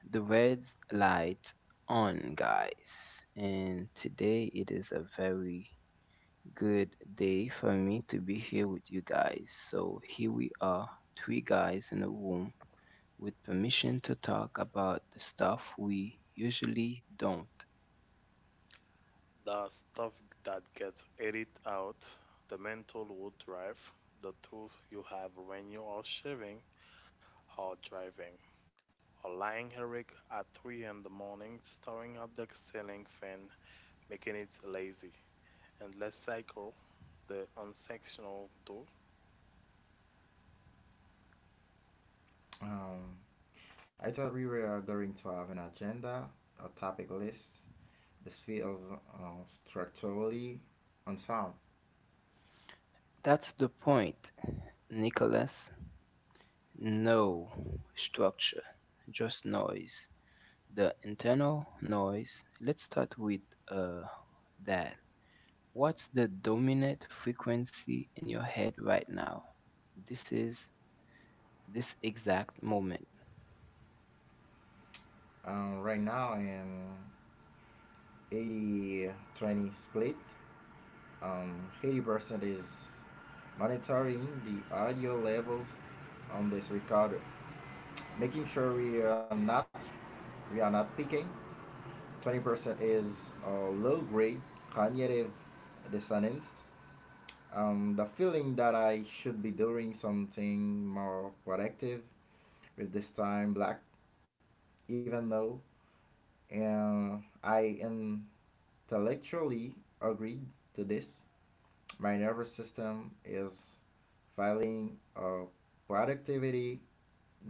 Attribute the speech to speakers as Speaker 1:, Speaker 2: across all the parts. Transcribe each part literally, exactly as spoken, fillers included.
Speaker 1: the red light on, guys, and today it is a very good day for me to be here with you guys. So, here we are, three guys in a room with permission to talk about the stuff we usually don't.
Speaker 2: The stuff that gets edited out, the mental would drive, the truth you have when you are shaving or driving, or lying awake at three in the morning staring at the ceiling fan, making it lazy. And let's cycle the unsectional tool.
Speaker 3: Um, I thought we were going to have an agenda, a topic list. This feels uh, structurally unsound.
Speaker 1: That's the point, Nicholas. No structure, just noise. The internal noise. Let's start with uh, that. What's the dominant frequency in your head right now? This is this exact moment.
Speaker 3: Um, right now, in eighty twenty split, um, eighty percent is monitoring the audio levels on this recorder, making sure we are not, we are not picking. twenty percent is uh, low grade cognitive dissonance, um, the feeling that I should be doing something more productive with this time black, even though uh, I intellectually agreed to this. My nervous system is filing a productivity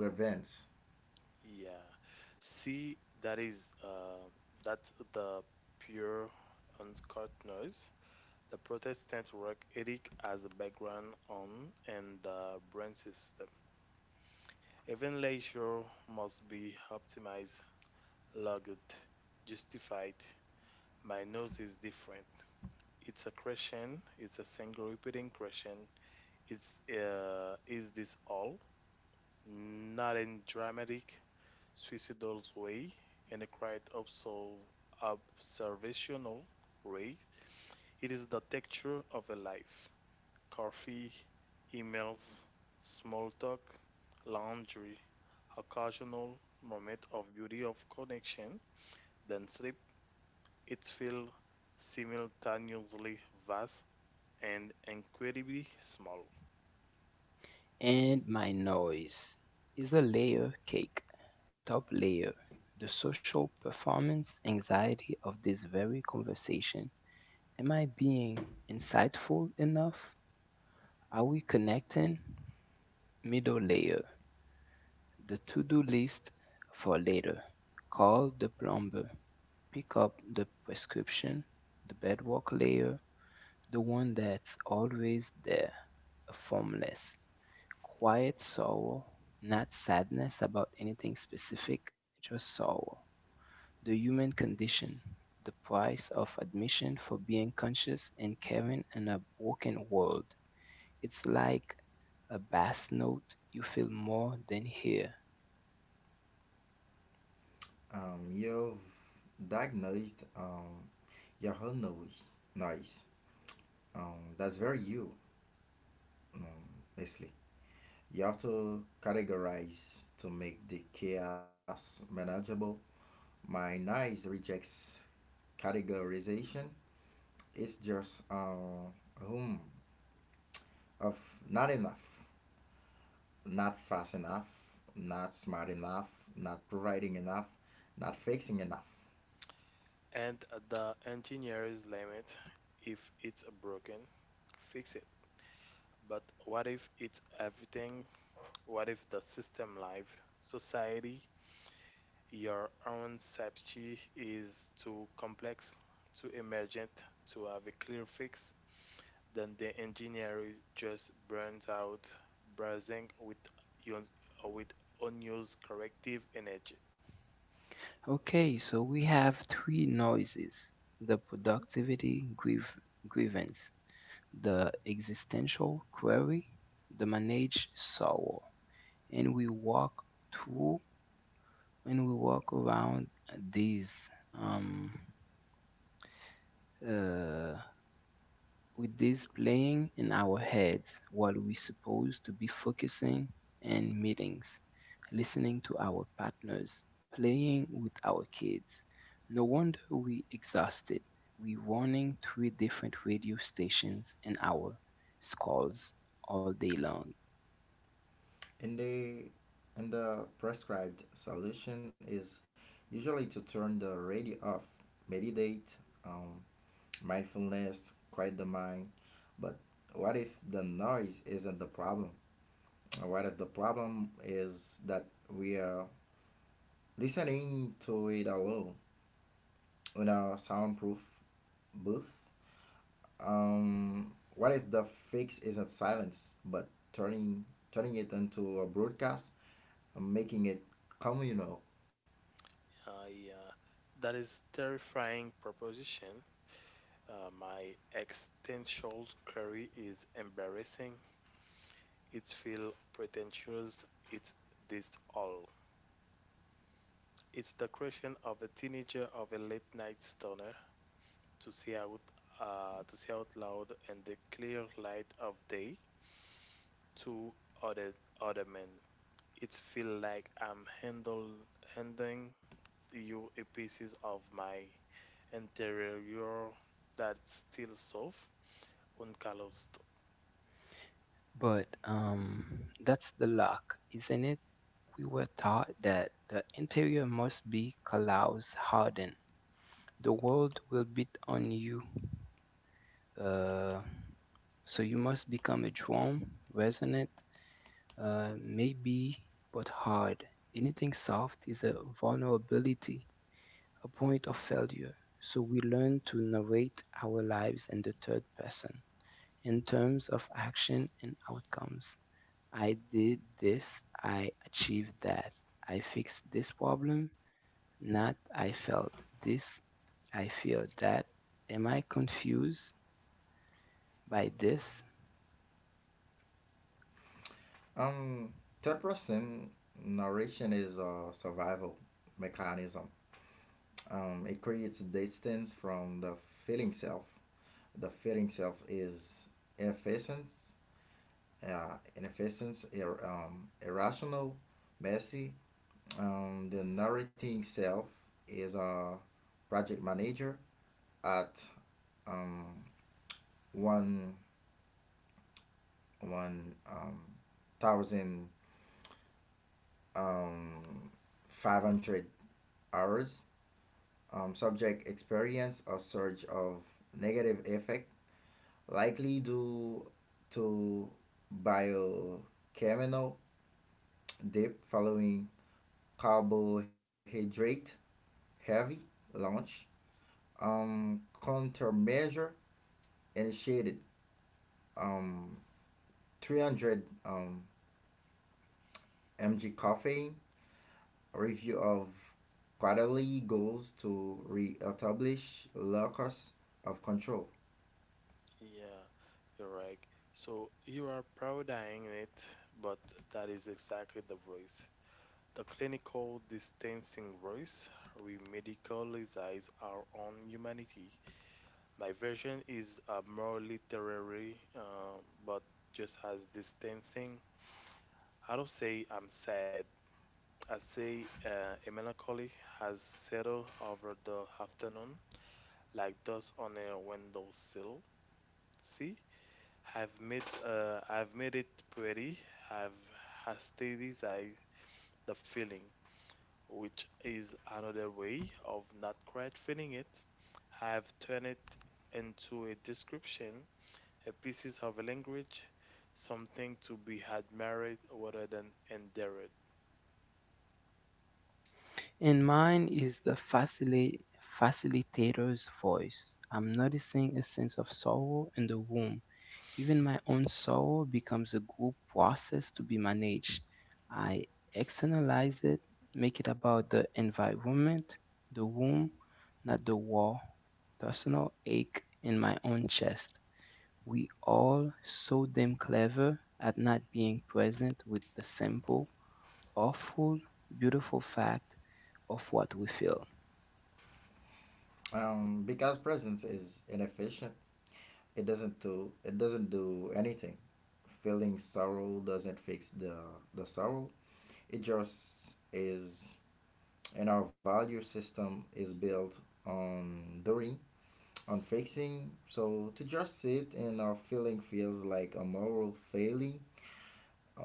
Speaker 3: grievance.
Speaker 2: Yeah. See, that is uh, that's the pure uncut noise. The Protestant rock ethic has a background on and the branch system. Even leisure must be optimized, logged, justified. My nose is different. It's a question. It's a single repeating question. It's uh, Is this all? Not in dramatic, suicidal way, in a quiet observ- observational way. It is the texture of a life. Coffee, emails, small talk, laundry, occasional moment of beauty of connection, then sleep. It feels simultaneously vast and incredibly small.
Speaker 1: And my noise is a layer cake, top layer, the social performance anxiety of this very conversation. Am I being insightful enough? Are we connecting? Middle layer, the to-do list for later. Call the plumber. Pick up the prescription, the bedrock layer, the one that's always there, a formless, quiet sorrow, not sadness about anything specific, just sorrow. The human condition, the price of admission for being conscious and caring in a broken world. It's like a bass note you feel more than hear.
Speaker 3: Um, you've diagnosed um, your whole noise. noise. Um, that's very you, um, Leslie. You have to categorize to make the chaos manageable. My nice rejects categorization. It's just uh, room of not enough, not fast enough, not smart enough, not providing enough, not fixing enough.
Speaker 2: And the engineer's limit if it's broken, fix it. But what if it's everything? What if the system, life, society, your own safety is too complex, too emergent to have a clear fix. Then the engineer just burns out, buzzing with un- with unused corrective energy.
Speaker 1: Okay, so we have three noises the
Speaker 2: Mhm.
Speaker 1: productivity grieve, grievance, the existential query, the managed sorrow. And we walk through and we walk around these um, uh, with this playing in our heads while we supposed to be focusing in meetings, listening to our partners, playing with our kids. No wonder we exhausted. We running three different radio stations in our skulls all day long.
Speaker 3: And the and the prescribed solution is usually to turn the radio off, meditate, um, mindfulness, quiet the mind. But what if the noise isn't the problem? Or what if the problem is that we are listening to it alone in a soundproof booth? Um, what if the fix isn't silence, but turning turning it into a broadcast and making it communal?
Speaker 2: Uh, yeah, that is terrifying proposition. Uh, my existential query is embarrassing. It's feel pretentious. It's this all. It's the creation of a teenager of a late night stoner to see out uh, to see out loud in the clear light of day to other other men. It feel like I'm handle handing you a pieces of my interior that's still soft, uncalloused.
Speaker 1: But um, that's the luck, isn't it? We were taught that the interior must be callous hardened. The world will beat on you Uh, so you must become a drum, resonant, uh, maybe, but hard. Anything soft is a vulnerability, a point of failure. So we learn to narrate our lives in the third person in terms of action and outcomes. I did this, I achieved that. I fixed this problem, not I felt this, I feel that. Am I confused by this?
Speaker 3: Um, Third person narration is a survival mechanism. Um, it creates distance from the feeling self. The feeling self is inefficient, uh, inefficient, ir- um, irrational, messy. Um, the narrating self is a project manager at um, one one um, thousand um, five hundred hours. Um, subject experience a surge of negative effect likely due to biochemical dip following carbohydrate heavy launch. Um, countermeasure initiated, um, three hundred um, mg caffeine, review of quarterly goals to reestablish locus of control.
Speaker 2: Yeah, you're right. So you are parodying it, but that is exactly the voice. The clinical distancing voice remedicalizes our own humanity. My version is uh, more literary, uh, but just has distancing. I don't say I'm sad. I say uh, a melancholy has settled over the afternoon, like dust on a windowsill. See, I've made uh, I've made it pretty. I've aestheticized the feeling, which is another way of not quite feeling it. I've turned it into a description a pieces of a language, something to be admired rather than endured.
Speaker 1: And mine is the facili- facilitator's voice. I'm noticing a sense of sorrow in the room. Even my own sorrow becomes a group process to be managed. I externalize it, make it about the environment, the room, not the wall. Personal ache in my own chest. We all so damn clever at not being present with the simple, awful, beautiful fact of what we feel.
Speaker 3: Um, because presence is inefficient, it doesn't do it doesn't do anything. Feeling sorrow doesn't fix the the sorrow. It just is, and our value system is built on doing, on fixing. So to just sit and our feeling feels like a moral failing,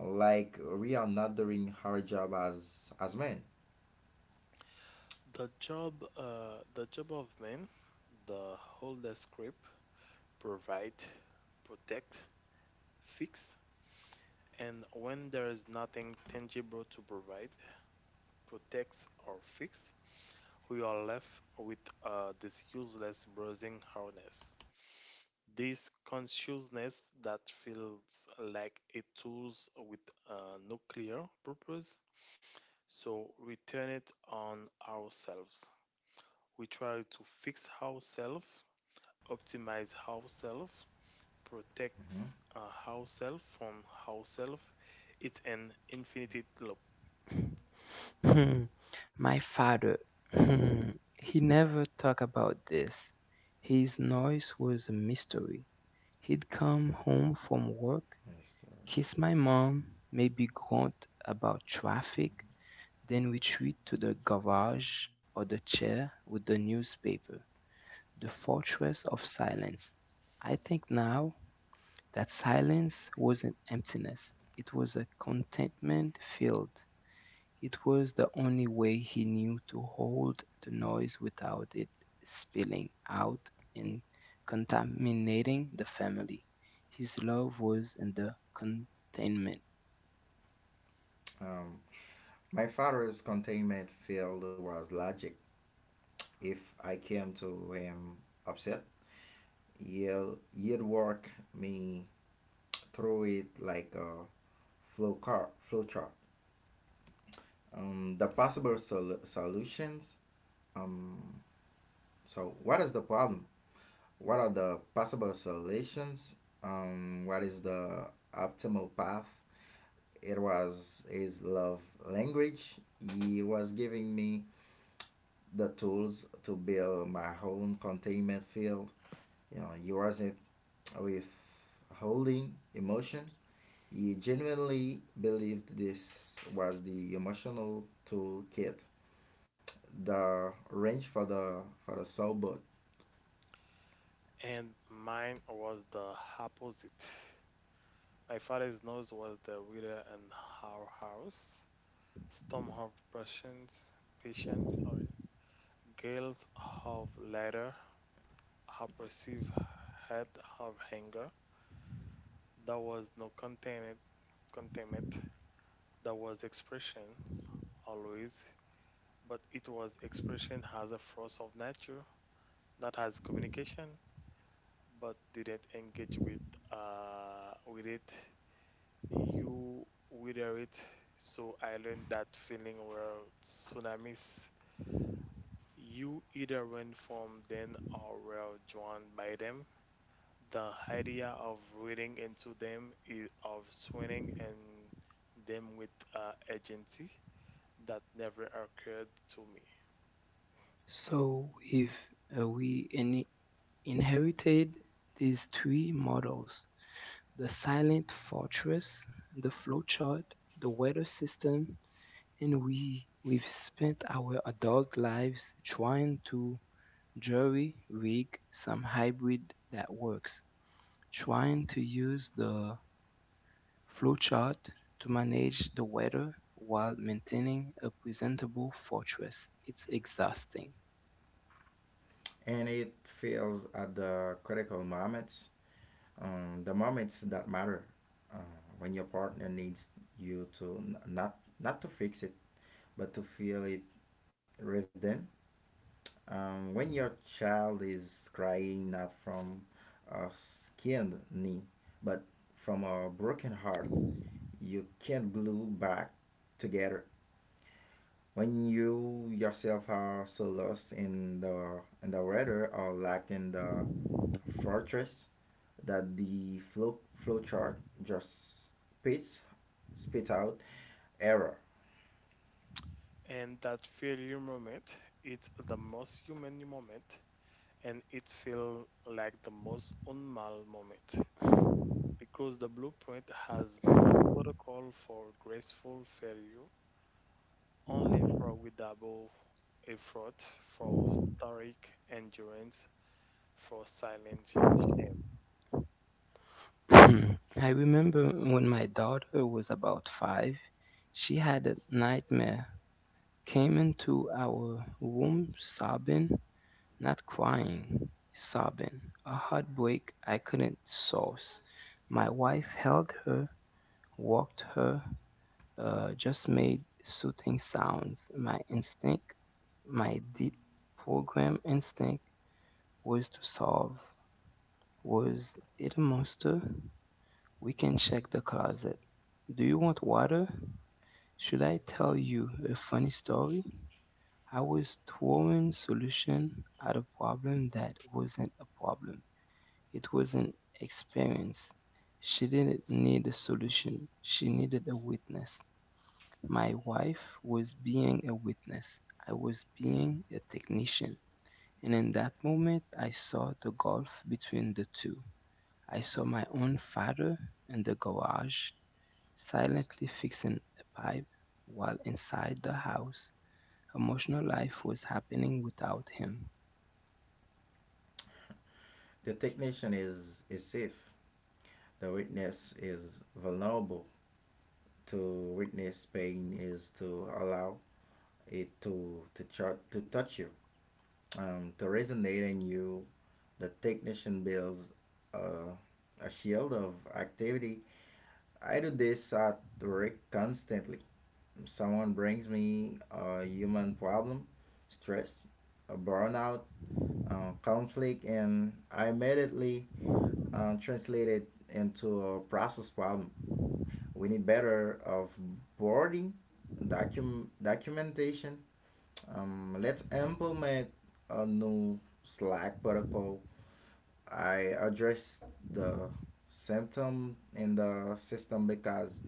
Speaker 3: like we are not doing our job as as men.
Speaker 2: The job, uh, the job of man, the whole the script provide, protect, fix, and when there is nothing tangible to provide, protect or fix, we are left with uh, this useless browsing harness. This consciousness that feels like a tools with uh, no clear purpose. So we turn it on ourselves. We try to fix ourselves, optimize ourselves, protect uh, ourselves from ourselves. It's an infinite loop.
Speaker 1: Hmm, My father, hmm, he never talked about this. His noise was a mystery. He'd come home from work, kiss my mom, maybe grunt about traffic, then retreat to the garage or the chair with the newspaper, the fortress of silence. I think now that silence wasn't emptiness, it was a contentment filled it was the only way he knew to hold the noise without it spilling out and contaminating the family. His love was in the containment.
Speaker 3: Um, my father's containment field was logic. If I came to him upset, you'll you'd work me through it like a flow car flow chart. Um, the possible sol- solutions. Um, so what is the problem? What are the possible solutions? Um, what is the optimal path? It was his love language. He was giving me the tools to build my own containment field. You know, he wasn't with holding emotion. You genuinely believed this was the emotional toolkit, the wrench for the for the soul boat,
Speaker 2: And mine was the opposite. My father's nose was the reader in our house. Some have patience, patience, sorry. Girls have letter, have perceived had have anger. There was no containment, containment. There was expression always, but it was expression as a force of nature, not as communication, but didn't engage with uh with it. You wither it. So I learned that feeling were tsunamis. You either went from them or were drawn by them. The idea of reading into them is of swinging and them with uh, agency that never occurred to me.
Speaker 1: So, if uh, we in- inherited these three models the silent fortress, the flowchart, the weather system, and we we've spent our adult lives trying to jury rig some hybrid that works, trying to use the flowchart to manage the weather while maintaining a presentable fortress. It's exhausting.
Speaker 3: and it fails at the critical moments, um, the moments that matter, uh, when your partner needs you to n- not not to fix it, but to feel it with them. Um, when your child is crying, not from a skinned knee, but from a broken heart you can't glue back together, when you yourself are so lost in the in the weather or locked in the fortress, that the flow flow chart just spits spits out error.
Speaker 2: And that failure moment, it's the most human moment and it feels like the most unmal moment because the blueprint has no protocol for graceful failure only for withdrawable double effort, for stoic endurance, for silent shame.
Speaker 1: Hmm. I remember when my daughter was about five, she had a nightmare, came into our room sobbing Not crying, sobbing, a heartbreak I couldn't source. My wife held her, walked her, uh, just made soothing sounds. My instinct, my deep program instinct, was to solve. Was it a monster? We can check the closet. Do you want water? Should I tell you a funny story? I was throwing solution at a problem that wasn't a problem. It was an experience. She didn't need a solution, she needed a witness. My wife was being a witness, I was being a technician. And in that moment, I saw the gulf between the two. I saw my own father in the garage, silently fixing a pipe, while inside the house, emotional life was happening without him.
Speaker 3: The technician is is safe. The witness is vulnerable. To witness pain is to allow it to to chart to touch you, um, to resonate in you. The technician builds uh, a shield of activity. I do this at work constantly. Someone brings me a human problem, stress, a burnout, uh, conflict, and I immediately uh, translate it into a process problem. We need better of boarding, docu- documentation. Um, let's implement a new Slack protocol. I address the symptom in the system, because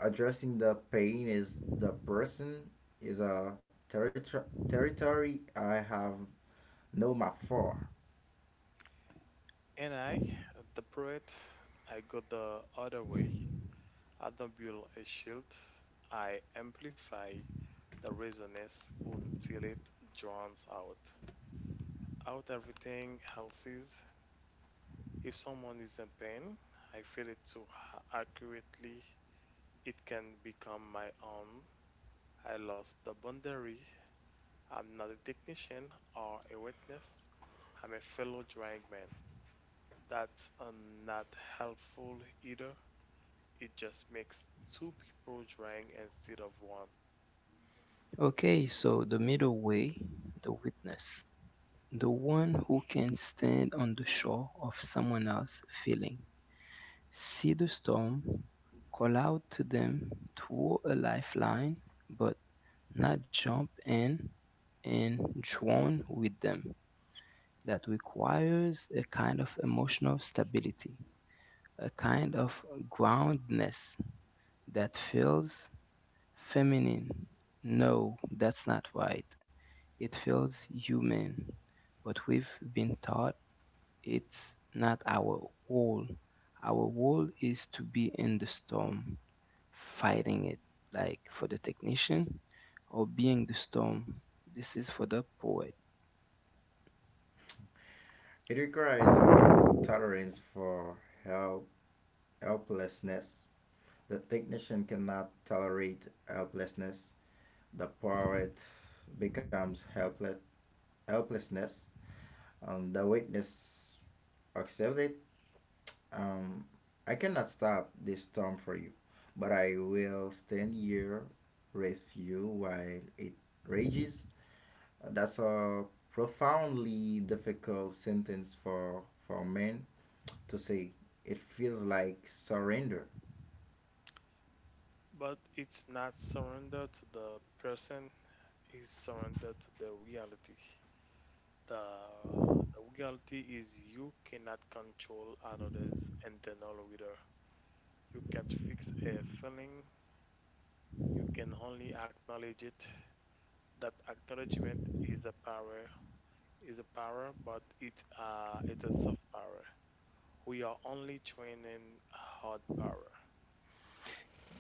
Speaker 3: addressing the pain is the person is a territory territory I have no map for.
Speaker 2: And I, the poet, I go the other way. I don't build a shield. I amplify the resonance until it drowns out. Out everything else is. If someone is in pain, I feel it too ha- accurately. It can become my own. I lost the boundary. I'm not a technician or a witness. I'm a fellow drawing man. That's uh, not helpful either. It just makes two people drawing instead of one.
Speaker 1: Okay, so the middle way, the witness. The one who can stand on the shore of someone else's feeling, see the storm, call out to them, throw a lifeline, but not jump in and drown with them. That requires a kind of emotional stability, a kind of groundedness that feels feminine. No, that's not right. It feels human, but we've been taught it's not our goal. Our goal is to be in the storm, fighting it, like for the technician, or being the storm. This is for the poet.
Speaker 3: It requires a tolerance for help helplessness. The technician cannot tolerate helplessness. The poet becomes helpless helplessness, and the witness accepts it. Um, I cannot stop this storm for you, but I will stand here with you while it rages. Uh, That's a profoundly difficult sentence for for men to say. It feels like surrender,
Speaker 2: But it's not surrender to the person, it's surrender to the reality. The, the reality is you cannot control another's internal reader. You can't fix a feeling, you can only acknowledge it. That acknowledgement is a power is a power, but it's uh it's a soft power. We are only training hard power.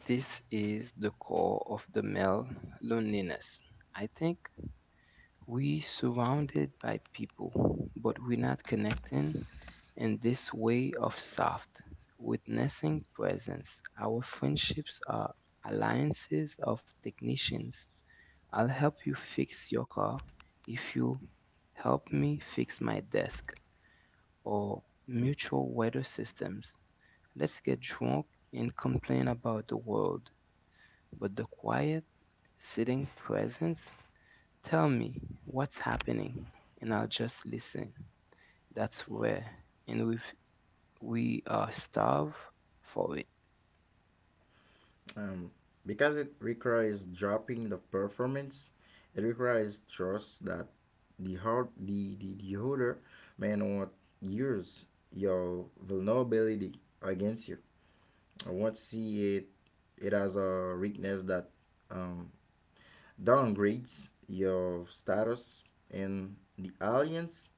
Speaker 1: This is the core of the male loneliness. I think we surrounded by people, but we're not connecting in this way of soft witnessing presence. Our friendships are alliances of technicians I'll help you fix your car if you help me fix my desk or mutual weather systems. Let's get drunk and complain about the world. But the quiet, sitting presence, tell me what's happening and I'll just listen. That's where, and we we are starved for it.
Speaker 3: um, because it requires dropping the performance. It requires trust that the heart, the the, the holder may not use your vulnerability against you. Once see it, it has a weakness that um, downgrades your status in the alliance.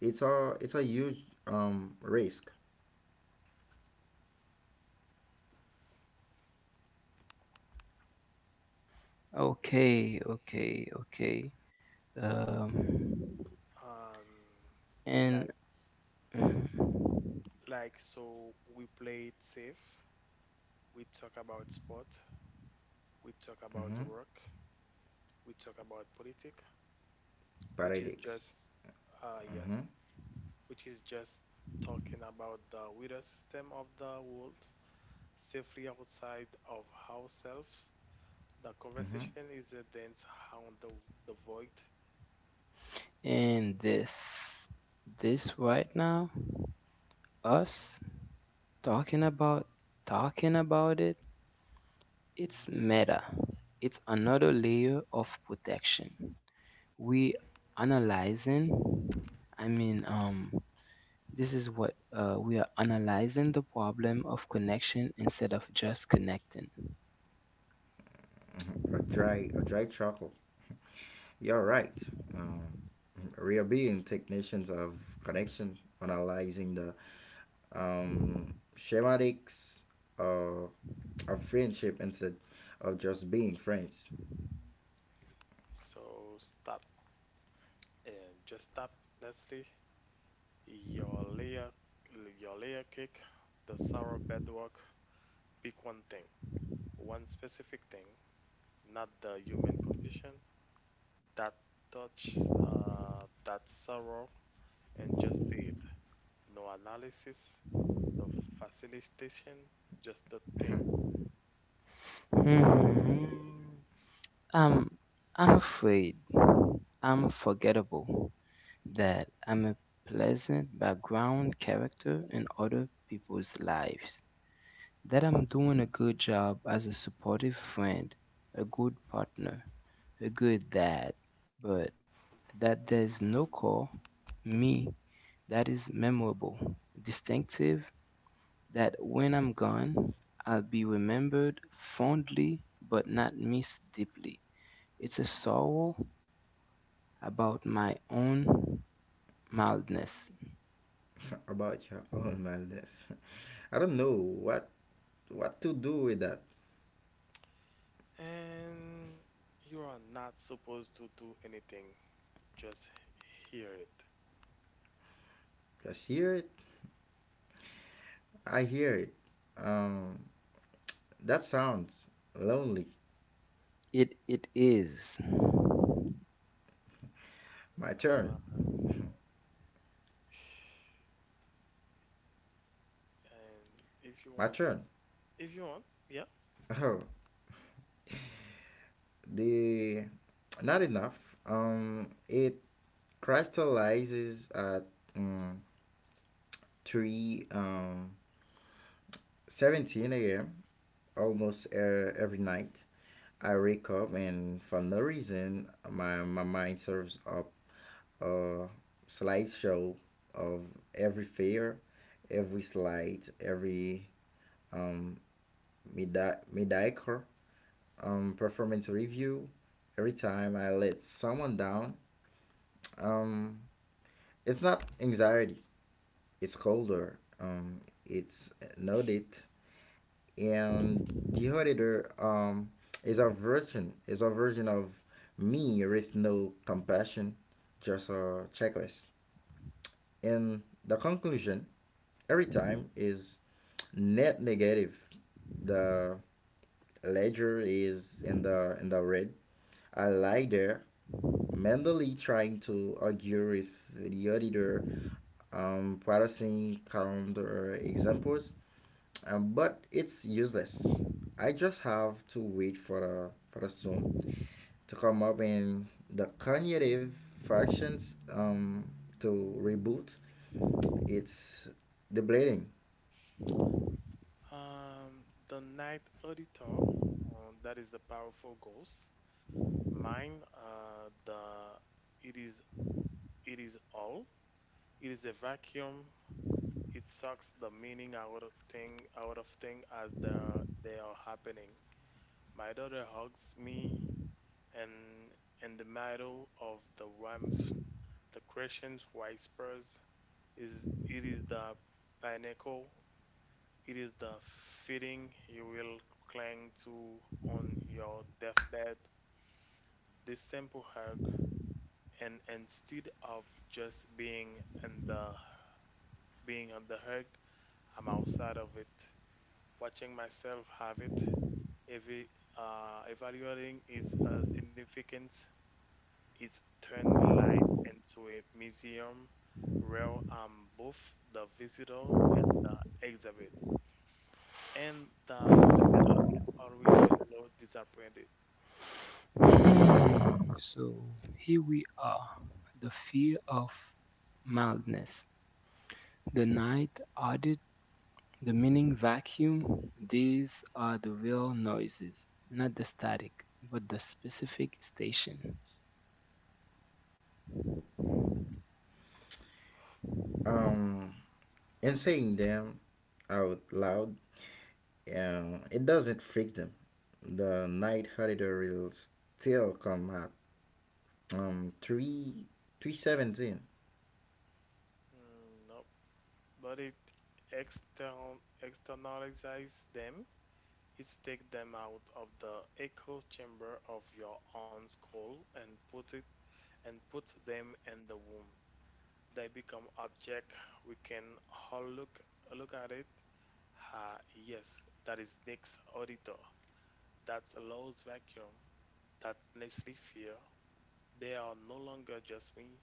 Speaker 3: It's a it's a huge um, risk.
Speaker 1: Okay, okay, okay. Um,
Speaker 2: Um,
Speaker 1: and
Speaker 2: like like so we play it safe. We talk about sport. We talk about
Speaker 3: Mm-hmm.
Speaker 2: work. We talk about politics, which is
Speaker 3: Paradox.
Speaker 2: just uh
Speaker 3: Mm-hmm.
Speaker 2: yes, which is just talking about the weather system of the world safely outside of ourselves. The
Speaker 3: Mm-hmm.
Speaker 2: conversation is a dance around the, the void.
Speaker 1: And this, this right now, us talking about talking about it, it's meta. It's another layer of protection. We analyzing. I mean, um, this is what uh, we are analyzing the problem of connection instead of just connecting.
Speaker 3: Hmm. A dry a dry chuckle. You're right. Um, Real being technicians of connection, analyzing the um, schematics uh, of friendship instead of just being friends.
Speaker 2: So stop. And just tap Nestle, your layer, your layer cake, the sour bedrock. Pick one thing, one specific thing, not the human condition that touch uh, that sorrow, and just say it. No analysis, no facilitation, just the thing.
Speaker 3: Mhm.
Speaker 1: Hmm. Um, I'm afraid I'm forgettable, that I'm a pleasant background character in other people's lives, that I'm doing a good job as a supportive friend, a good partner, a good dad, but that there's no core, me, that is memorable, distinctive, that when I'm gone, I'll be remembered fondly but not missed deeply. It's a sorrow about my own mildness.
Speaker 3: About your own madness. I don't know what what to do with that.
Speaker 2: And you are not supposed to do anything. Just hear it.
Speaker 3: Just hear it. I hear it. Um, that sounds lonely.
Speaker 1: It it is.
Speaker 3: My turn.
Speaker 2: Uh, and and if you
Speaker 3: My
Speaker 2: want,
Speaker 3: turn.
Speaker 2: If you want, yeah.
Speaker 3: Oh, the not enough. Um, it crystallizes at um, three um, 17 a.m. almost er, every night. I wake up and for no reason my my mind serves up uh, slideshow of every fair, every slide, every um, medi- mediocre um, performance review. Every time I let someone down, um, it's not anxiety, it's colder, um, it's noted. And the auditor, um, is a version, is a version of me with no compassion, just a checklist. And the conclusion every time is net negative. The ledger is in the in the red. I lie there, mentally trying to argue with the auditor, um, practicing counter examples, um, but it's useless. I just have to wait for the for the soon to come up in the cognitive fractions, um, to reboot. It's deblating.
Speaker 2: Um, the night auditor, um, that is the powerful ghost. Mine, uh, the it is it is all. It is a vacuum. It sucks the meaning out of thing out of thing as the they are happening. My daughter hugs me, and in the middle of the warmth, the crescent whispers is it is the pinnacle. It is the feeling you will cling to on your deathbed. This simple hug, and instead of just being in the being on the hug, I'm outside of it, watching myself have it, every uh, evaluating its uh, significance. It's turned life into a museum where I'm both the visitor and the exhibit. And the visitor is always a little disappointed.
Speaker 1: Hmm, so here we are. The fear of mildness. The night audit, the meaning vacuum, these are the real noises, not the static, but the specific station.
Speaker 3: Um, and saying them out loud, uh, it doesn't fix them. The night auditor will still come at um three three seventeen.
Speaker 2: Mm, no, but it extern- externalizes them. It takes them out of the echo chamber of your own skull and put it and puts them in the womb. They become object. We can all look look at it. Ah, yes, that is Nick's auditor. That's Low's vacuum. That's Nestle fear. They are no longer just me.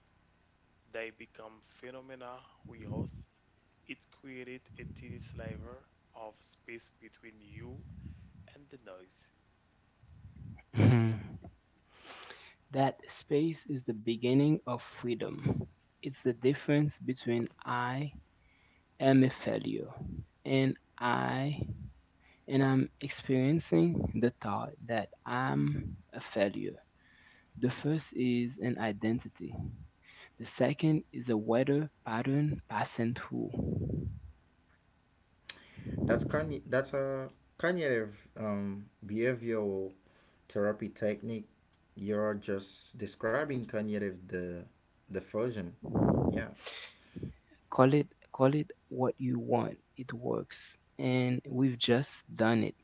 Speaker 2: They become phenomena we host. It created a tiny sliver of space between you and the noise.
Speaker 1: That space is the beginning of freedom. It's the difference between I am a failure and I and I'm experiencing the thought that I'm a failure. The first is an identity, the second is a weather pattern passing through.
Speaker 3: That's con- that's a cognitive um behavioral therapy technique. You're just describing cognitive, the diffusion. Yeah,
Speaker 1: Call it call it what you want. It works. And we've just done it.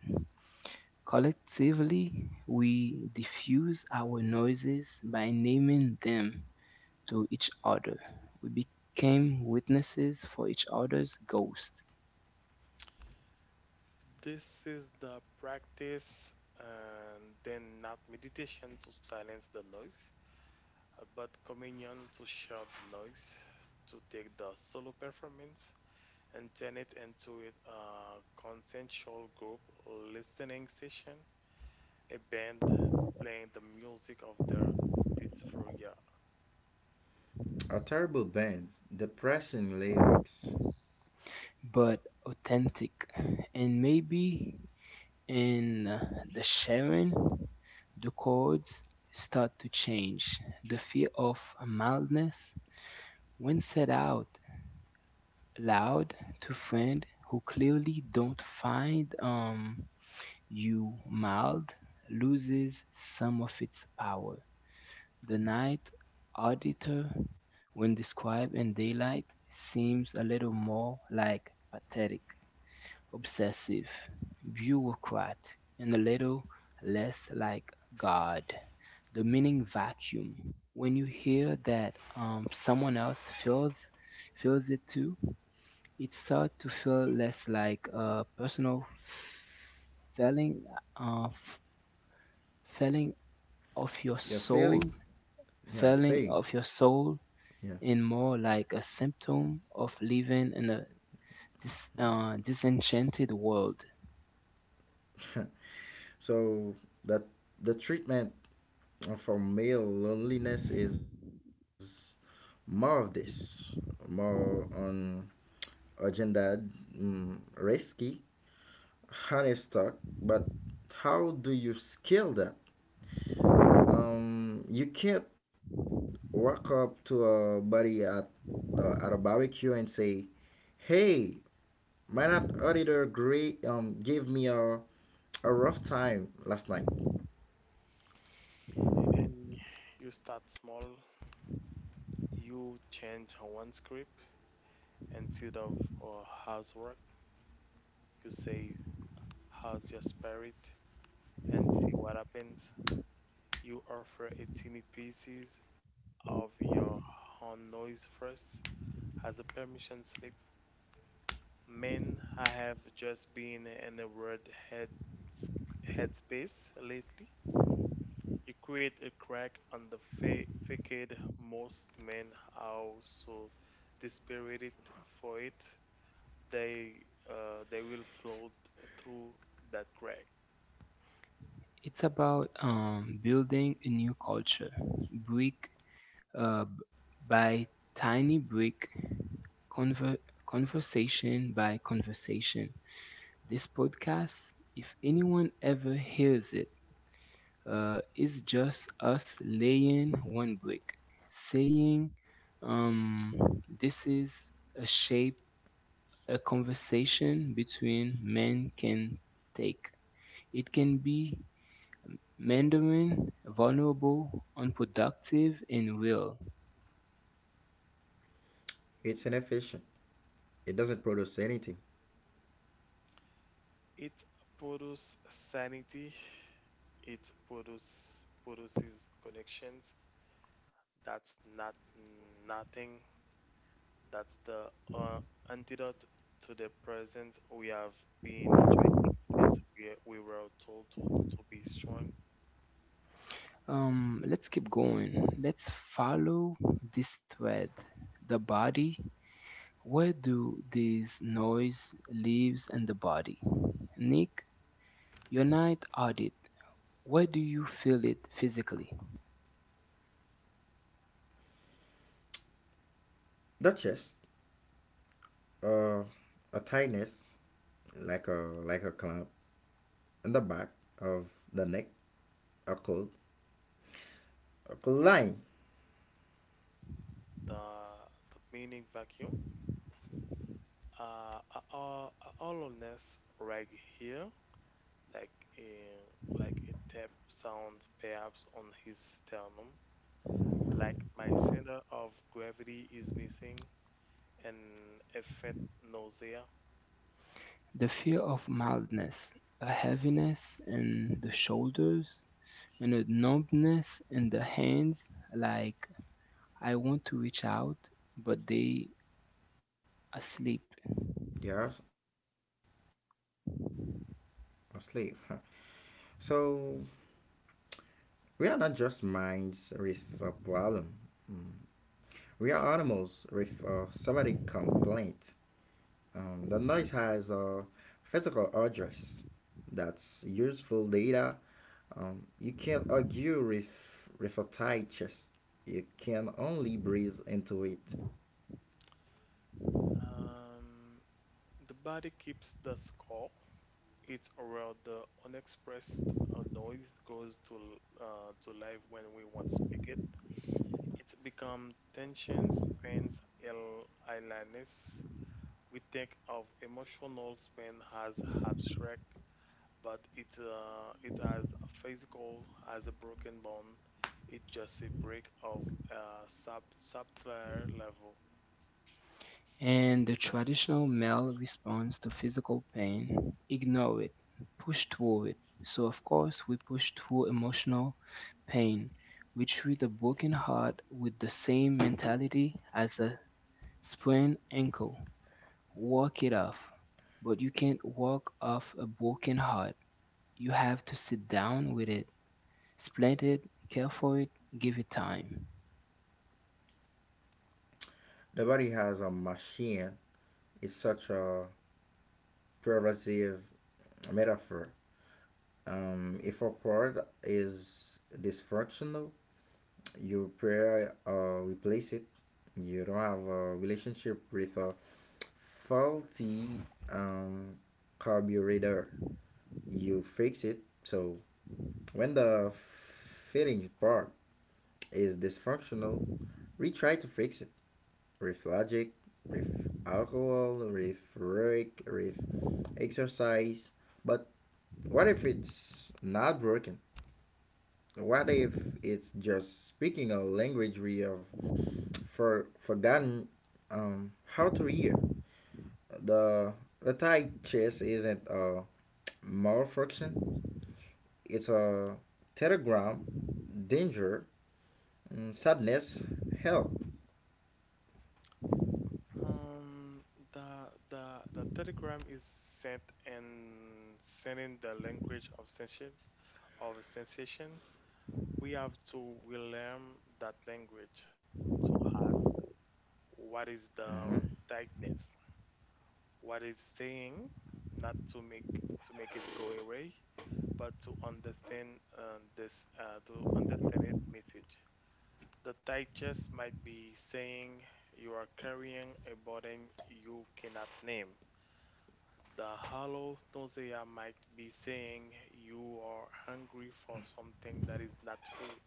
Speaker 1: Collectively, we diffuse our noises by naming them to each other. We became witnesses for each other's ghost.
Speaker 2: This is the practice, and then not meditation to silence the noise, uh, but communion to share the noise, to take the solo performance and turn it into it- a consensual group listening session, a band playing the music of their dysphoria.
Speaker 3: a terrible band, depression lyrics.
Speaker 1: But authentic. And maybe in uh, the sharing, the chords start to change. The fear of mildness, when said out loud to friends who clearly don't find um, you mild, loses some of its power. The night auditor, when described in daylight, seems a little more like pathetic. Obsessive bureaucrat, and a little less like God. The meaning vacuum. When you hear that um, someone else feels feels it too, it starts to feel less like a personal felling, uh, f- felling of your
Speaker 3: You're failing.
Speaker 1: soul,
Speaker 3: Yeah,
Speaker 1: felling
Speaker 3: failing.
Speaker 1: of your
Speaker 3: Yeah.
Speaker 1: soul, and more like a symptom of living in a dis- uh, disenchanted world.
Speaker 3: So that the treatment for male loneliness is more of this, more on agenda, mm, risky, honest talk. But how do you scale that? Um, you can't walk up to a buddy at uh, at a barbecue and say, "Hey, my not auditor great um gave me a a rough time last night.
Speaker 2: And you start small. You change one script instead of uh, housework. You say, "How's your spirit?" And see what happens. You offer a teeny pieces of your own noise first as a permission slip. Man, I have just been in a weird head headspace lately. You create a crack on the fa- facade. Most men are so desperate for it, they uh, they will float through that crack.
Speaker 1: It's about um, building a new culture, brick uh, b- by tiny brick, conver- conversation by conversation. This podcast, if anyone ever hears it, uh, is just us laying one brick, saying, um, "This is a shape a conversation between men can take." It can be Mandarin, vulnerable, unproductive, and real.
Speaker 3: It's inefficient. It doesn't produce anything."
Speaker 2: It produces sanity. It produces produces connections. That's not nothing. That's the uh, antidote to the present we have been drinking since we, we were told to, to be strong.
Speaker 1: Um, let's keep going. Let's follow this thread. The body. Where do these noise leaves and the body? Nick, your night audit. Where do you feel it physically?
Speaker 3: That just uh, a tightness, like a like a clamp in the back of the neck are called, are called line.
Speaker 2: the the meaning vacuum. Uh, uh, Hollowness right here, like in like a tap sound perhaps on his sternum, like my center of gravity is missing, and a faint nausea.
Speaker 1: The fear of mildness, a heaviness in the shoulders, and a numbness in the hands, like I want to reach out, but they
Speaker 3: They
Speaker 1: asleep,
Speaker 3: are asleep. Huh. So we are not just minds with a problem. Mm. We are animals with a somatic complaint. Um, the noise has a physical address. That's useful data. Um, you can't argue with, with a tight chest. You can only breathe into it.
Speaker 2: Um, the body keeps the score. It's around the unexpressed uh, noise goes to l- uh, to life when we want to speak it. It's become tensions, pains, ill illness. We think of emotional pain as abstract, but it's uh, it as physical as a broken bone. It's just a break of a sub subtler level.
Speaker 1: and the traditional male response to physical pain ignore it, push through it. So, of course, we push through emotional pain. We treat a broken heart with the same mentality as a sprained ankle. Walk it off. But you can't walk off a broken heart. You have to sit down with it, splint it, care for it, give it time.
Speaker 3: The body has a machine. It's such a pervasive metaphor. Um, if a part is dysfunctional, you pray uh, replace it. You don't have a relationship with a faulty, um, carburetor. You fix it. So when the fitting part is dysfunctional, we try to fix it with logic, with alcohol, with work, with exercise. But what if it's not broken? What if it's just speaking a language we have for forgotten, um, how to hear. The the Thai chess isn't a malfunction; it's a telegram, danger, mm, sadness, help.
Speaker 2: Um, the the the telegram is sent and sent in the language of sensation of sensation. We have to we learn that language to ask what is
Speaker 3: Hmm.
Speaker 2: the tightness what is staying not to make to make it go away but to understand um, this uh, to understand it message. The tightness might be saying you are carrying a burden you cannot name. The hollow nausea might be saying you are hungry for something that is not food.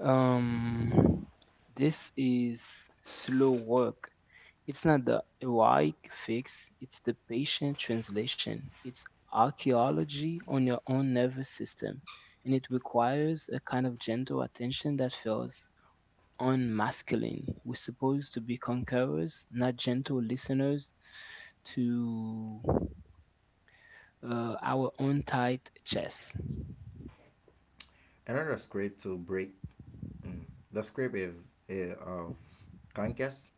Speaker 1: Um, this is slow work. It's not the heroic fix, it's the patient translation. It's archaeology on your own nervous system, and it requires a kind of gentle attention that feels unmasculine. We're supposed to be conquerors, not gentle listeners to uh, our own tight chests.
Speaker 3: Another script to break. Mm. The script is, is of conquest.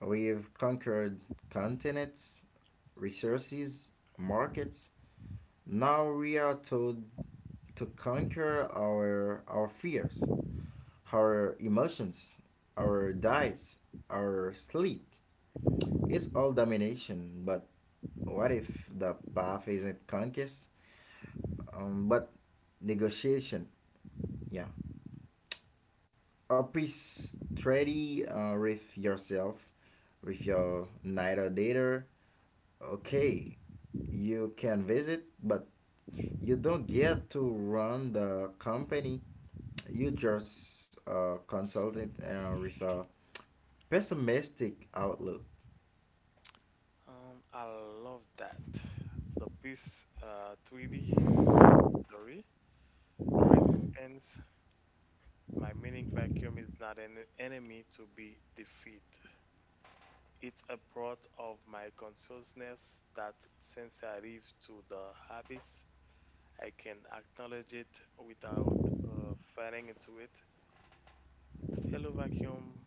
Speaker 3: We've conquered continents, resources, markets. Now we are told to conquer our our fears, our emotions, our diets, our sleep. It's all domination, but what if the path isn't conquest, um, but negotiation? Yeah, a priest treaty uh, with yourself, with your night or dater. Okay, you can visit, but you don't get to run the company. You just a uh, consultant uh, with a pessimistic outlook.
Speaker 2: um, I love that the piece uh, three D that story coexistence, my meaning vacuum is not an enemy to be defeated. It's a part of my consciousness that since I live to the abyss, I can acknowledge it without uh, falling into it. Hello, vacuum.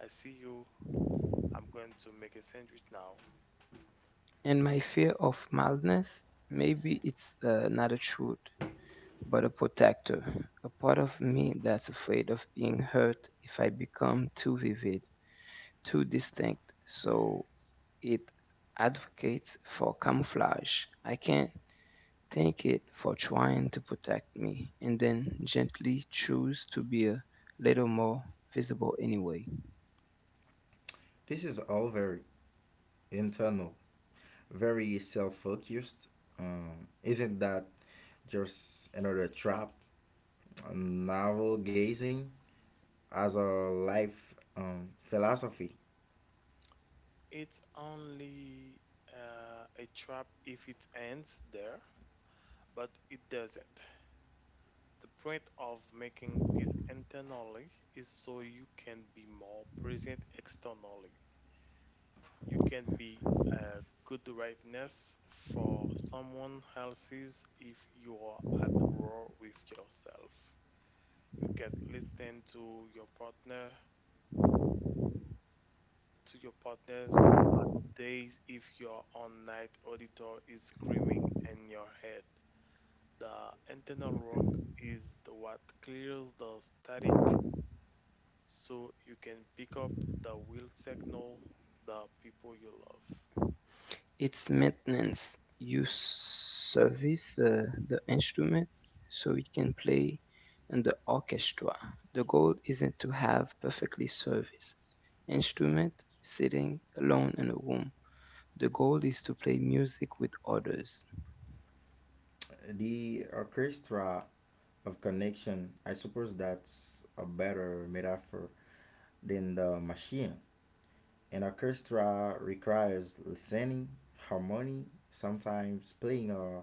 Speaker 2: I see you. I'm going to make a sandwich now.
Speaker 1: And my fear of mildness, maybe it's uh, not a truth. But a protector, a part of me that's afraid of being hurt if I become too vivid, too distinct. So it advocates for camouflage. I can't thank it for trying to protect me and then gently choose to be a little more visible anyway.
Speaker 3: This is all very internal, very self focused. Um, isn't that just another trap? Novel gazing as a life um, philosophy.
Speaker 2: It's only uh, a trap if it ends there, but it doesn't. The point of making peace internally is so you can be more present externally. You can be a good rightness for someone else's if you are at war with yourself. You can listen to your partner, to your partner's bad days if your on night auditor is screaming in your head. The internal work is the what clears the static so you can pick up the will signal the people you love.
Speaker 1: Its maintenance, you service uh, the instrument so it can play in the orchestra. The goal isn't to have perfectly serviced instrument sitting alone in a room. The goal is to play music with others.
Speaker 3: The orchestra of connection, I suppose that's a better metaphor than the machine. An orchestra requires listening, harmony, sometimes playing a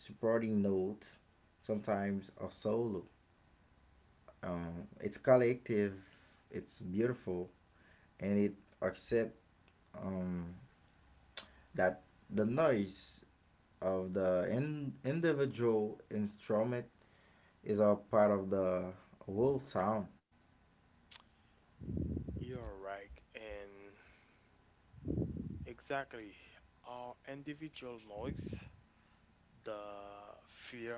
Speaker 3: supporting note, sometimes a solo. Um, it's collective, it's beautiful, and it accept, um, that the noise of the in- individual instrument is a part of the whole sound.
Speaker 2: You're right, and exactly our individual noise, the fear,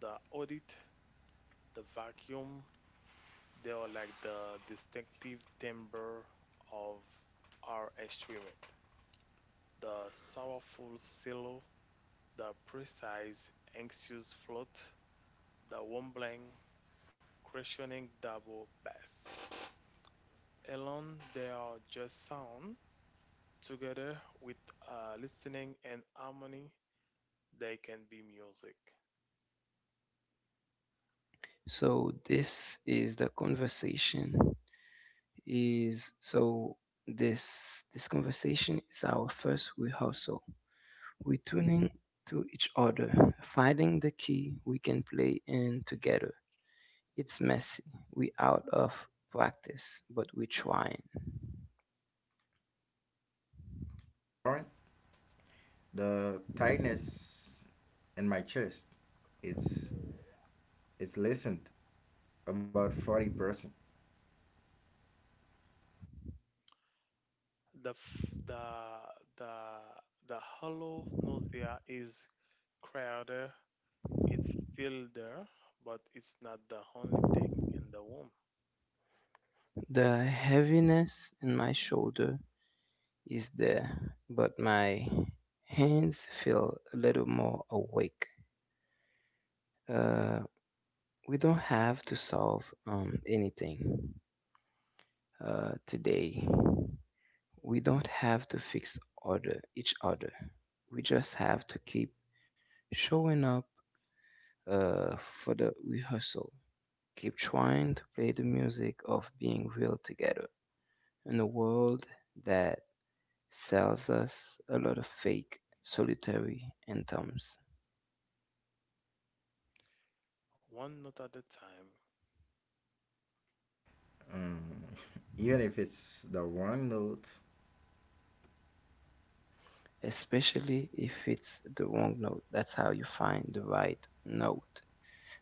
Speaker 2: the audit, the vacuum, they are like the distinctive timbre of our instrument. The sorrowful silo, the precise anxious float, the rumbling, questioning double bass. Alone, they are just sound. Together with uh, listening and harmony, they can be music.
Speaker 1: So this is the conversation is so this this conversation is our first rehearsal. We tuning to each other, finding the key we can play in together. It's messy. We out of practice, but we trying.
Speaker 3: Or the tightness in my chest, it's it's listened about forty percent.
Speaker 2: The f- the the the hollow nausea is crowded. It's still there, but it's not the only thing in the womb.
Speaker 1: The heaviness in my shoulder is there, but my hands feel a little more awake. Uh, we don't have to solve um, anything uh, today. We don't have to fix order each other. We just have to keep showing up uh, for the rehearsal. Keep trying to play the music of being real together in a world that sells us a lot of fake, solitary anthems,
Speaker 2: One note at a time.
Speaker 3: um, Even if it's the wrong note.
Speaker 1: especially if it's the wrong note. That's how you find the right note.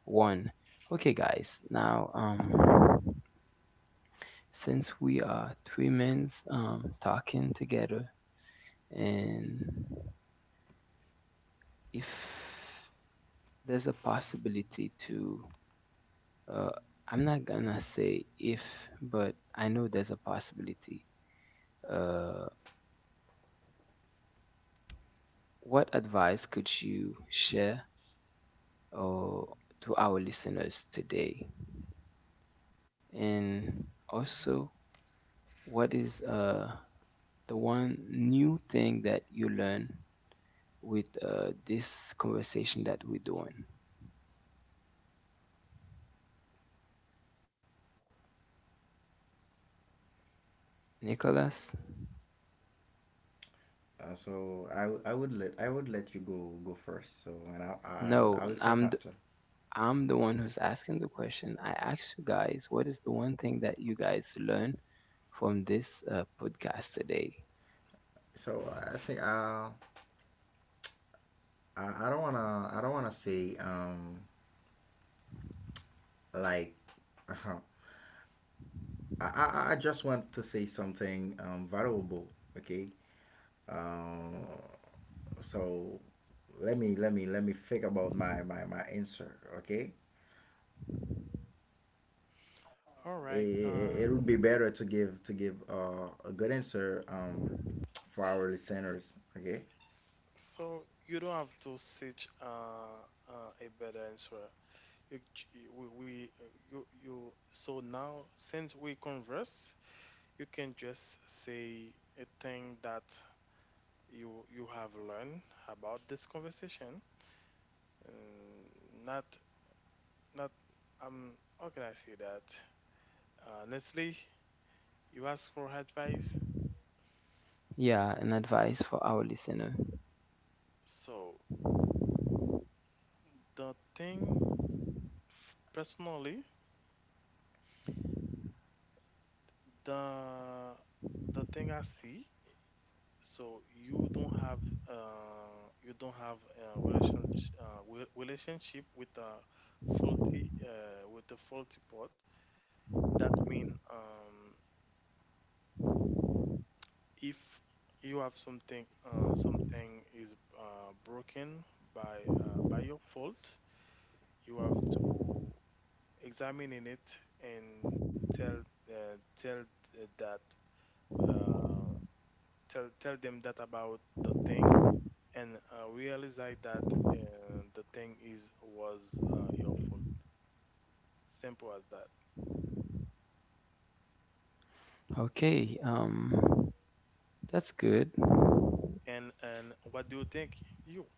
Speaker 1: One. Okay, guys, now, um, since we are three men's um, talking together, and if there's a possibility to Uh, I'm not gonna say if, but I know there's a possibility. Uh, what advice could you share or to our listeners today? And also, what is uh, the one new thing that you learn with uh, this conversation that we're doing? Nicholas?
Speaker 3: Uh, so I, w- I would let I would let you go go first, so, and I, I
Speaker 1: No,
Speaker 3: I will talk
Speaker 1: I'm
Speaker 3: after.
Speaker 1: I'm the one who's asking the question. I asked you guys, what is the one thing that you guys learn from this uh, podcast today?
Speaker 3: So I think, uh, I I don't wanna I don't wanna say, um like, uh, I, I I just want to say something, um valuable. Okay. Um. So let me let me let me think about my my my answer. Okay.
Speaker 2: All
Speaker 3: It,
Speaker 2: right. Uh,
Speaker 3: it, it would be better to give to give uh, a good answer, um for our listeners. Okay.
Speaker 2: so you don't have to search uh, uh, a better answer. You, ch- we, we uh, you you so now since we converse you can just say a thing that you you have learned about this conversation and not not um how can I say that honestly, you ask for advice.
Speaker 1: Yeah, an advice for our listener.
Speaker 2: So the thing f- personally, the the thing I see, so you don't have uh, you don't have a relationship uh, wi- relationship with a faulty uh, with the faulty part. That mean um, if you have something uh, something is uh, broken by uh, by your fault, you have to examine in it and tell uh, tell uh, that uh, tell tell them that about the thing and uh, realize that uh, the thing is was uh, your fault. Simple as that.
Speaker 1: Okay, um, that's good. Well,
Speaker 2: And and what do you think? You.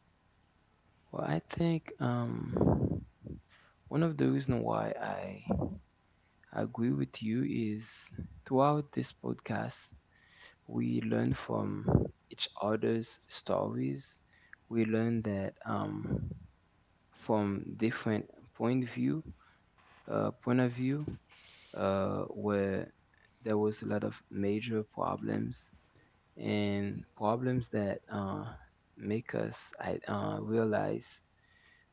Speaker 1: I think um, one of the reasons why I agree with you is throughout this podcast, we learn from each other's stories. We learn that um, from different point of view uh, point of view uh, where there was a lot of major problems and problems that uh, make us I, uh, realize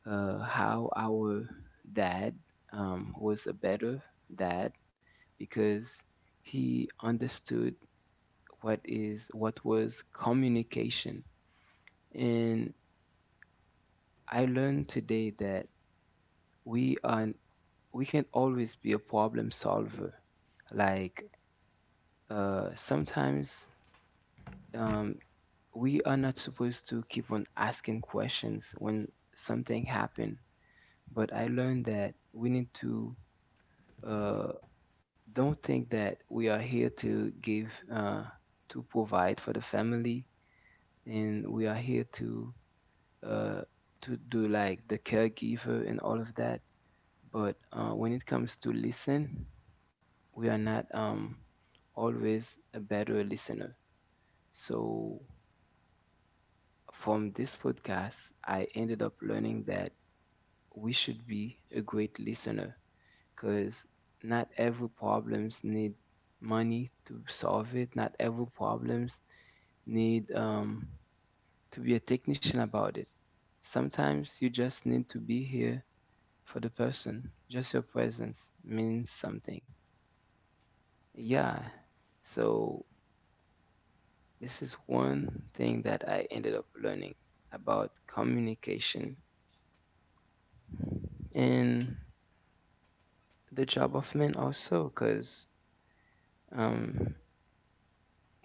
Speaker 1: uh, how our dad um, was a better dad because he understood what is what was communication. And I learned today that we are we can always be a problem solver. Like uh, sometimes um, we are not supposed to keep on asking questions when something happened. But I learned that we need to uh, don't think that we are here to give uh, to provide for the family, and we are here to uh, to do like the caregiver and all of that. But uh, when it comes to listen, we are not um, always a better listener. So from this podcast, I ended up learning that we should be a great listener because not every problems need money to solve it. Not every problems need um, to be a technician about it. Sometimes you just need to be here for the person. Just your presence means something. Yeah. So this is one thing that I ended up learning about communication. And the job of men also because um,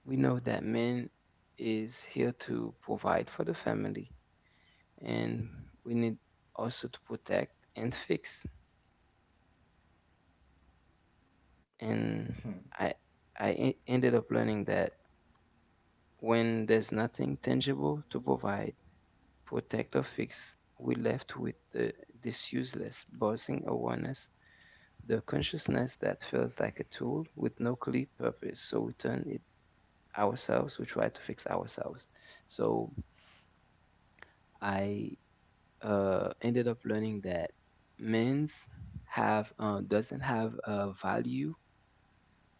Speaker 1: we know that men is here to provide for the family, and we need also to protect and fix. And i i e- ended up learning that when there's nothing tangible to provide, protect or fix, we left with the, this useless buzzing awareness, the consciousness that feels like a tool with no clear purpose, so we turn it ourselves, we try to fix ourselves. So I uh, ended up learning that men's have uh, doesn't have a value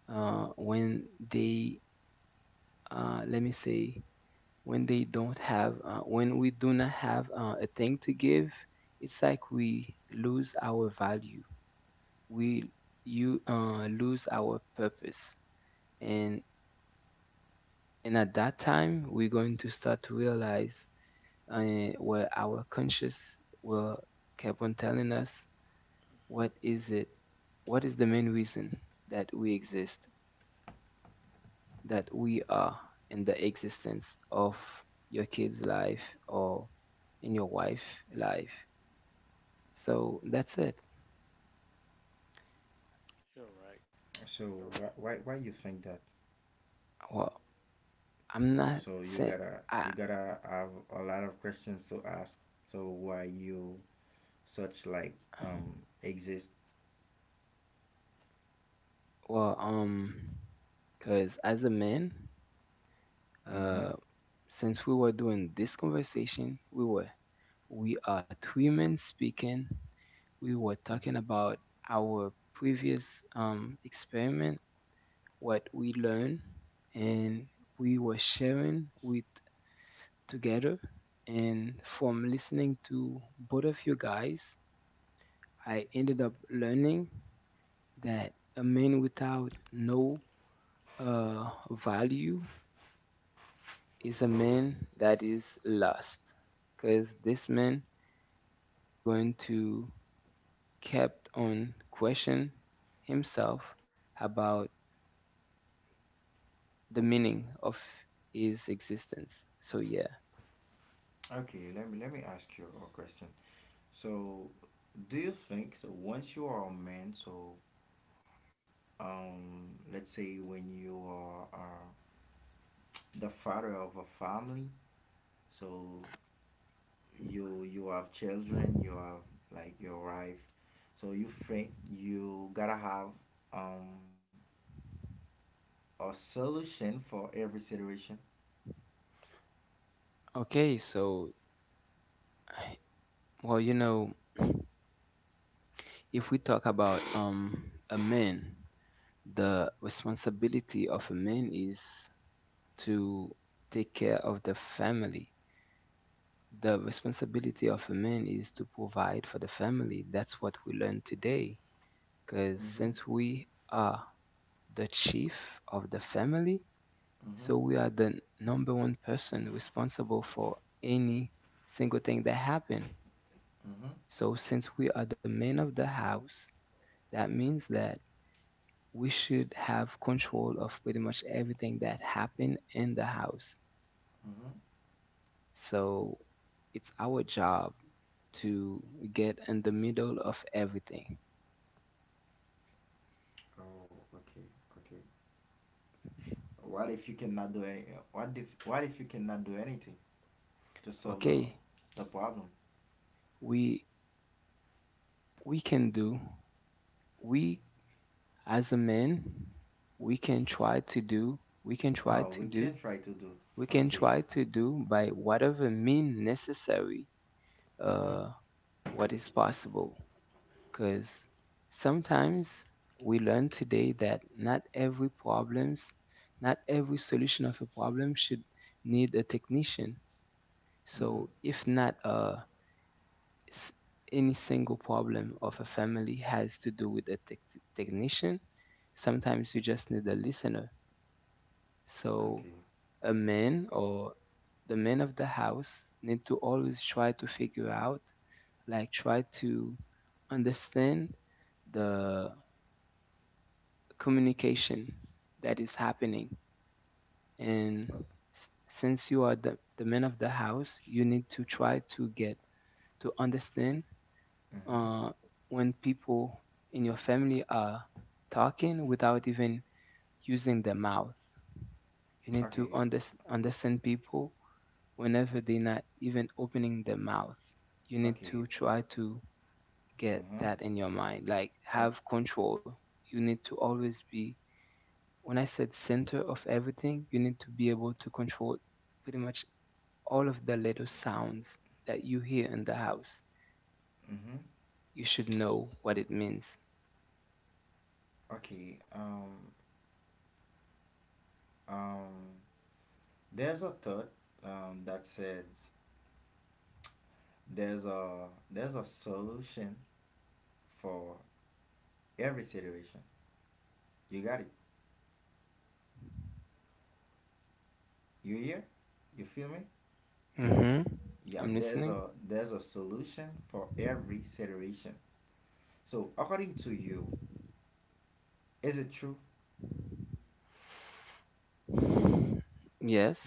Speaker 1: uh, when they uh, let me say when they don't have uh, when we do not have uh, a thing to give, it's like we lose our value, we you uh, lose our purpose. and and at that time we're going to start to realize and where our conscious will keep on telling us, what
Speaker 2: Hmm.
Speaker 1: is it, what is the main reason that we exist, that we are in the existence of your kid's life or in your wife's life. So that's it.
Speaker 2: You're right.
Speaker 3: So why
Speaker 2: All right.
Speaker 3: why why you think that?
Speaker 1: Well, I'm not
Speaker 3: So you
Speaker 1: saying
Speaker 3: gotta
Speaker 1: I
Speaker 3: you gotta have a lot of questions to ask. So why you such like um exist?
Speaker 1: well, um because as a man,
Speaker 3: Mm-hmm.
Speaker 1: uh since we were doing this conversation we were we are two men speaking. We were talking
Speaker 3: Mm-hmm.
Speaker 1: about our previous um, experiment, what we learned, and we were sharing with together. And from listening to both of you guys, I ended up learning that a man without no uh, value is a man that is lost, because this man is going to kept on questioning himself about the meaning of his existence. So, yeah.
Speaker 3: Okay, let me let me ask you a question. So do you think, so once you are a man, so um let's say when you are, uh, the father of a family, so you you have children, you have like your wife, so you think you gotta have um a solution for every situation?
Speaker 1: Okay, so, well, you know, if we talk about um, a man, the responsibility of a man is to take care of the family. The responsibility of a man is to provide for the family. That's what we learned today. Because since
Speaker 3: Mhm.
Speaker 1: we are the chief of the family, so
Speaker 3: Mhm.
Speaker 1: we are the n- number one person responsible for any single thing that happened.
Speaker 3: Mhm.
Speaker 1: So since we are the men of the house, that means that we should have control of pretty much everything that happened in the house.
Speaker 3: Mhm.
Speaker 1: So it's our job to get in the middle of everything.
Speaker 3: Oh, okay, okay. What if you cannot do any? What if what if you cannot do anything to solve the
Speaker 1: Okay,
Speaker 3: the problem?
Speaker 1: we we can do we as a man we can
Speaker 3: Uh,
Speaker 1: try to do, we can try
Speaker 3: oh,
Speaker 1: to
Speaker 3: we
Speaker 1: do,
Speaker 3: can try to do.
Speaker 1: we can
Speaker 3: Okay.
Speaker 1: try to do by whatever mean necessary
Speaker 3: Mhm.
Speaker 1: uh, what is possible, because sometimes we learn today that not every problems, not every solution of a problem should need a technician. So
Speaker 3: Mhm.
Speaker 1: if not, uh, s- any single problem of a family has to do with a tech technician, sometimes you just need a listener. So
Speaker 3: Okay.
Speaker 1: a man or the men of the house need to always try to figure out, like try to understand the communication that is happening.
Speaker 3: Uh.
Speaker 1: And s- since you are the, the men of the house, you need to try to get to understand
Speaker 3: Mm-hmm.
Speaker 1: uh, when people in your family are talking without even using their mouth. You need to
Speaker 3: Okay.
Speaker 1: under, understand people whenever they're not even opening their mouth. You need
Speaker 3: Okay.
Speaker 1: to try to get
Speaker 3: Uh-huh.
Speaker 1: that in your mind, like
Speaker 3: Or,
Speaker 1: have control. You need to always be, when I said center of everything, you need to be able to control pretty much all of the little sounds that you hear in the house.
Speaker 3: mm-hmm.
Speaker 1: You should know what it means.
Speaker 3: Okay. Um. Um. There's a thought, um, that said, there's a there's a solution for every situation. You got it. You here? You feel me?
Speaker 1: Hmm.
Speaker 3: Yeah,
Speaker 1: I'm
Speaker 3: there's
Speaker 1: listening.
Speaker 3: a there's a solution for every situation. So according to you, is it true?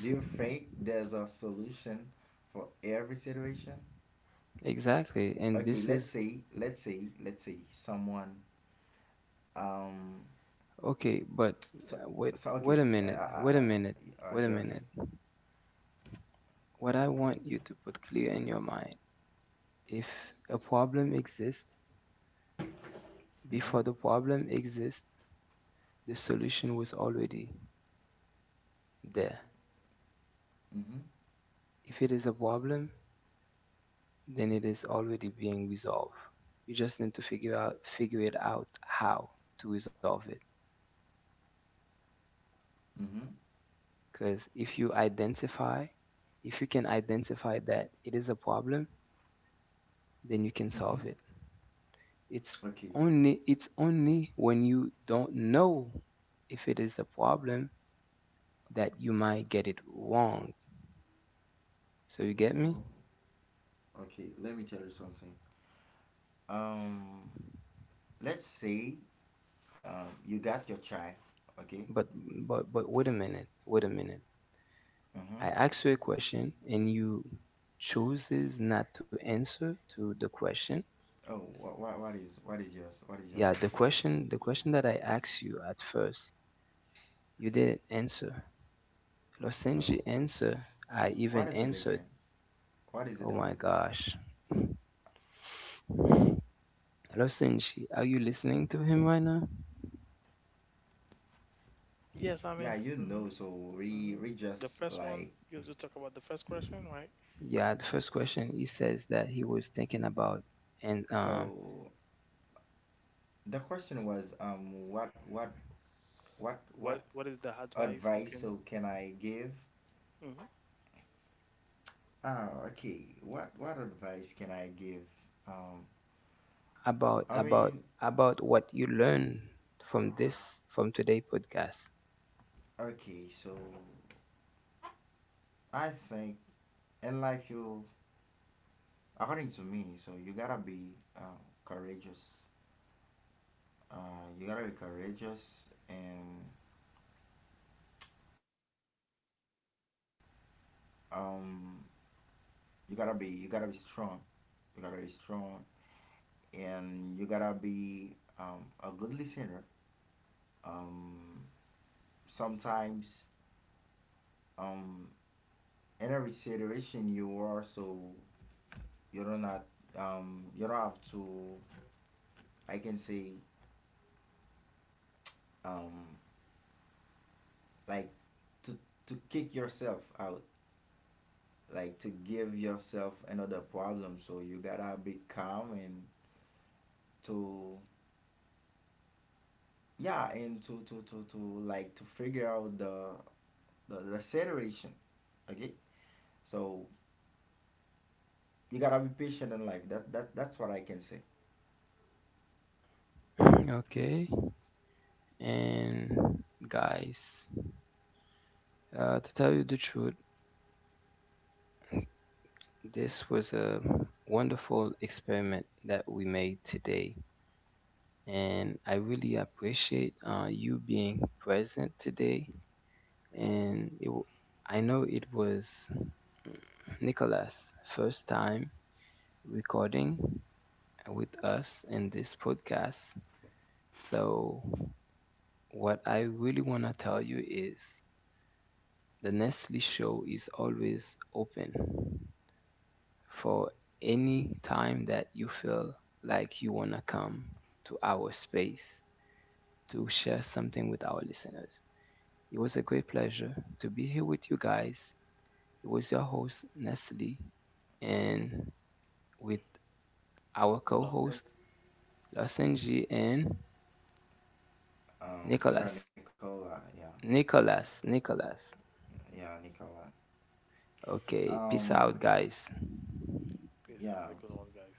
Speaker 3: Do you think there's a solution for every situation?
Speaker 1: exactly. And
Speaker 3: Okay,
Speaker 1: this
Speaker 3: let's
Speaker 1: is
Speaker 3: say let's say let's say someone, um
Speaker 1: okay, but
Speaker 3: so
Speaker 1: uh, wait,
Speaker 3: so okay,
Speaker 1: wait a
Speaker 3: uh,
Speaker 1: minute, wait a
Speaker 3: uh,
Speaker 1: minute,
Speaker 3: uh,
Speaker 1: wait a
Speaker 3: okay, okay.
Speaker 1: minute. What I want you to put clear in your mind, if a problem exists,
Speaker 3: Mhm.
Speaker 1: before the problem exists, the solution was already there.
Speaker 3: Mhm.
Speaker 1: If it is a problem, then it is already being resolved. You just need to figure out figure it out how to resolve it.
Speaker 3: Mhm.
Speaker 1: Because if you identify, if you can identify that it is a problem, then you can
Speaker 3: Mhm.
Speaker 1: solve it. It's
Speaker 3: Okay.
Speaker 1: only it's only when you don't know if it is a problem that you might get it wrong. So you get me?
Speaker 3: Oh, okay, let me tell you something. um let's say, Um, you got your try, okay?
Speaker 1: But but but wait a minute, wait a minute.
Speaker 3: Mm-hmm.
Speaker 1: I asked you a question and you chooses not to answer to the question.
Speaker 3: Oh, what, what, what is what is yours? What is your
Speaker 1: Yeah, the
Speaker 3: question?
Speaker 1: question the question that I asked you at first, you didn't answer. Losenji
Speaker 3: So,
Speaker 1: answer. I even
Speaker 3: what is it
Speaker 1: answered.
Speaker 3: again? What is it
Speaker 1: Oh my
Speaker 3: again?
Speaker 1: gosh. Losenji, are you listening to him right now?
Speaker 2: Yes, I mean.
Speaker 3: Yeah, you
Speaker 2: Hmm
Speaker 3: know. So we
Speaker 2: hmm.
Speaker 3: we
Speaker 2: The
Speaker 3: just
Speaker 2: first one
Speaker 3: like
Speaker 2: you you talk about the first question, right?
Speaker 1: Yeah, the first question he says that he was thinking about, and uh,
Speaker 3: so. The question was, um what what what
Speaker 2: What
Speaker 3: what
Speaker 2: what is the advice you
Speaker 3: advice
Speaker 2: can?
Speaker 3: so can I give?
Speaker 2: Hmm.
Speaker 3: Ah, okay. What what advice can I give? Um,
Speaker 1: about
Speaker 3: I
Speaker 1: about
Speaker 3: mean,
Speaker 1: about what you learn from this from today podcast.
Speaker 3: okay. So I think in life you, according to me, so you gotta be, um, courageous. Uh, you gotta be courageous, and um, you gotta be you gotta be strong. You gotta be strong, and you gotta be, um, a good listener. Um, Sometimes, um, in every situation you are, so you don't not, um, you don't have to. I can say, um, like, to to kick yourself out, like, to give yourself another problem. So you gotta be calm, and to, yeah, and to to to to like to figure out the the, the acceleration, okay. So you gotta be patient in life. That that that's what I can say.
Speaker 1: Okay, and guys, uh, to tell you the truth, this was a wonderful experiment that we made today, and I really appreciate uh, you being present today. And it, w- I know it was mm, Nicholas' first time recording with us in this podcast. So, what I really want to tell you is the Nestle show is always open for any time that you feel like you want to come to our space to share something with our listeners. It was a great pleasure to be here with you guys. It was your host, Nestle, and with our
Speaker 2: Love
Speaker 1: co
Speaker 2: and
Speaker 1: host, Losenji and
Speaker 3: Um peter and
Speaker 1: Nicholas.
Speaker 3: Nicola. Yeah.
Speaker 1: Nicholas, Nicholas.
Speaker 3: Yeah, Nicola.
Speaker 1: Okay, peace
Speaker 3: um
Speaker 1: out, guys.
Speaker 2: peace. Have a
Speaker 3: yeah.
Speaker 2: good one, guys.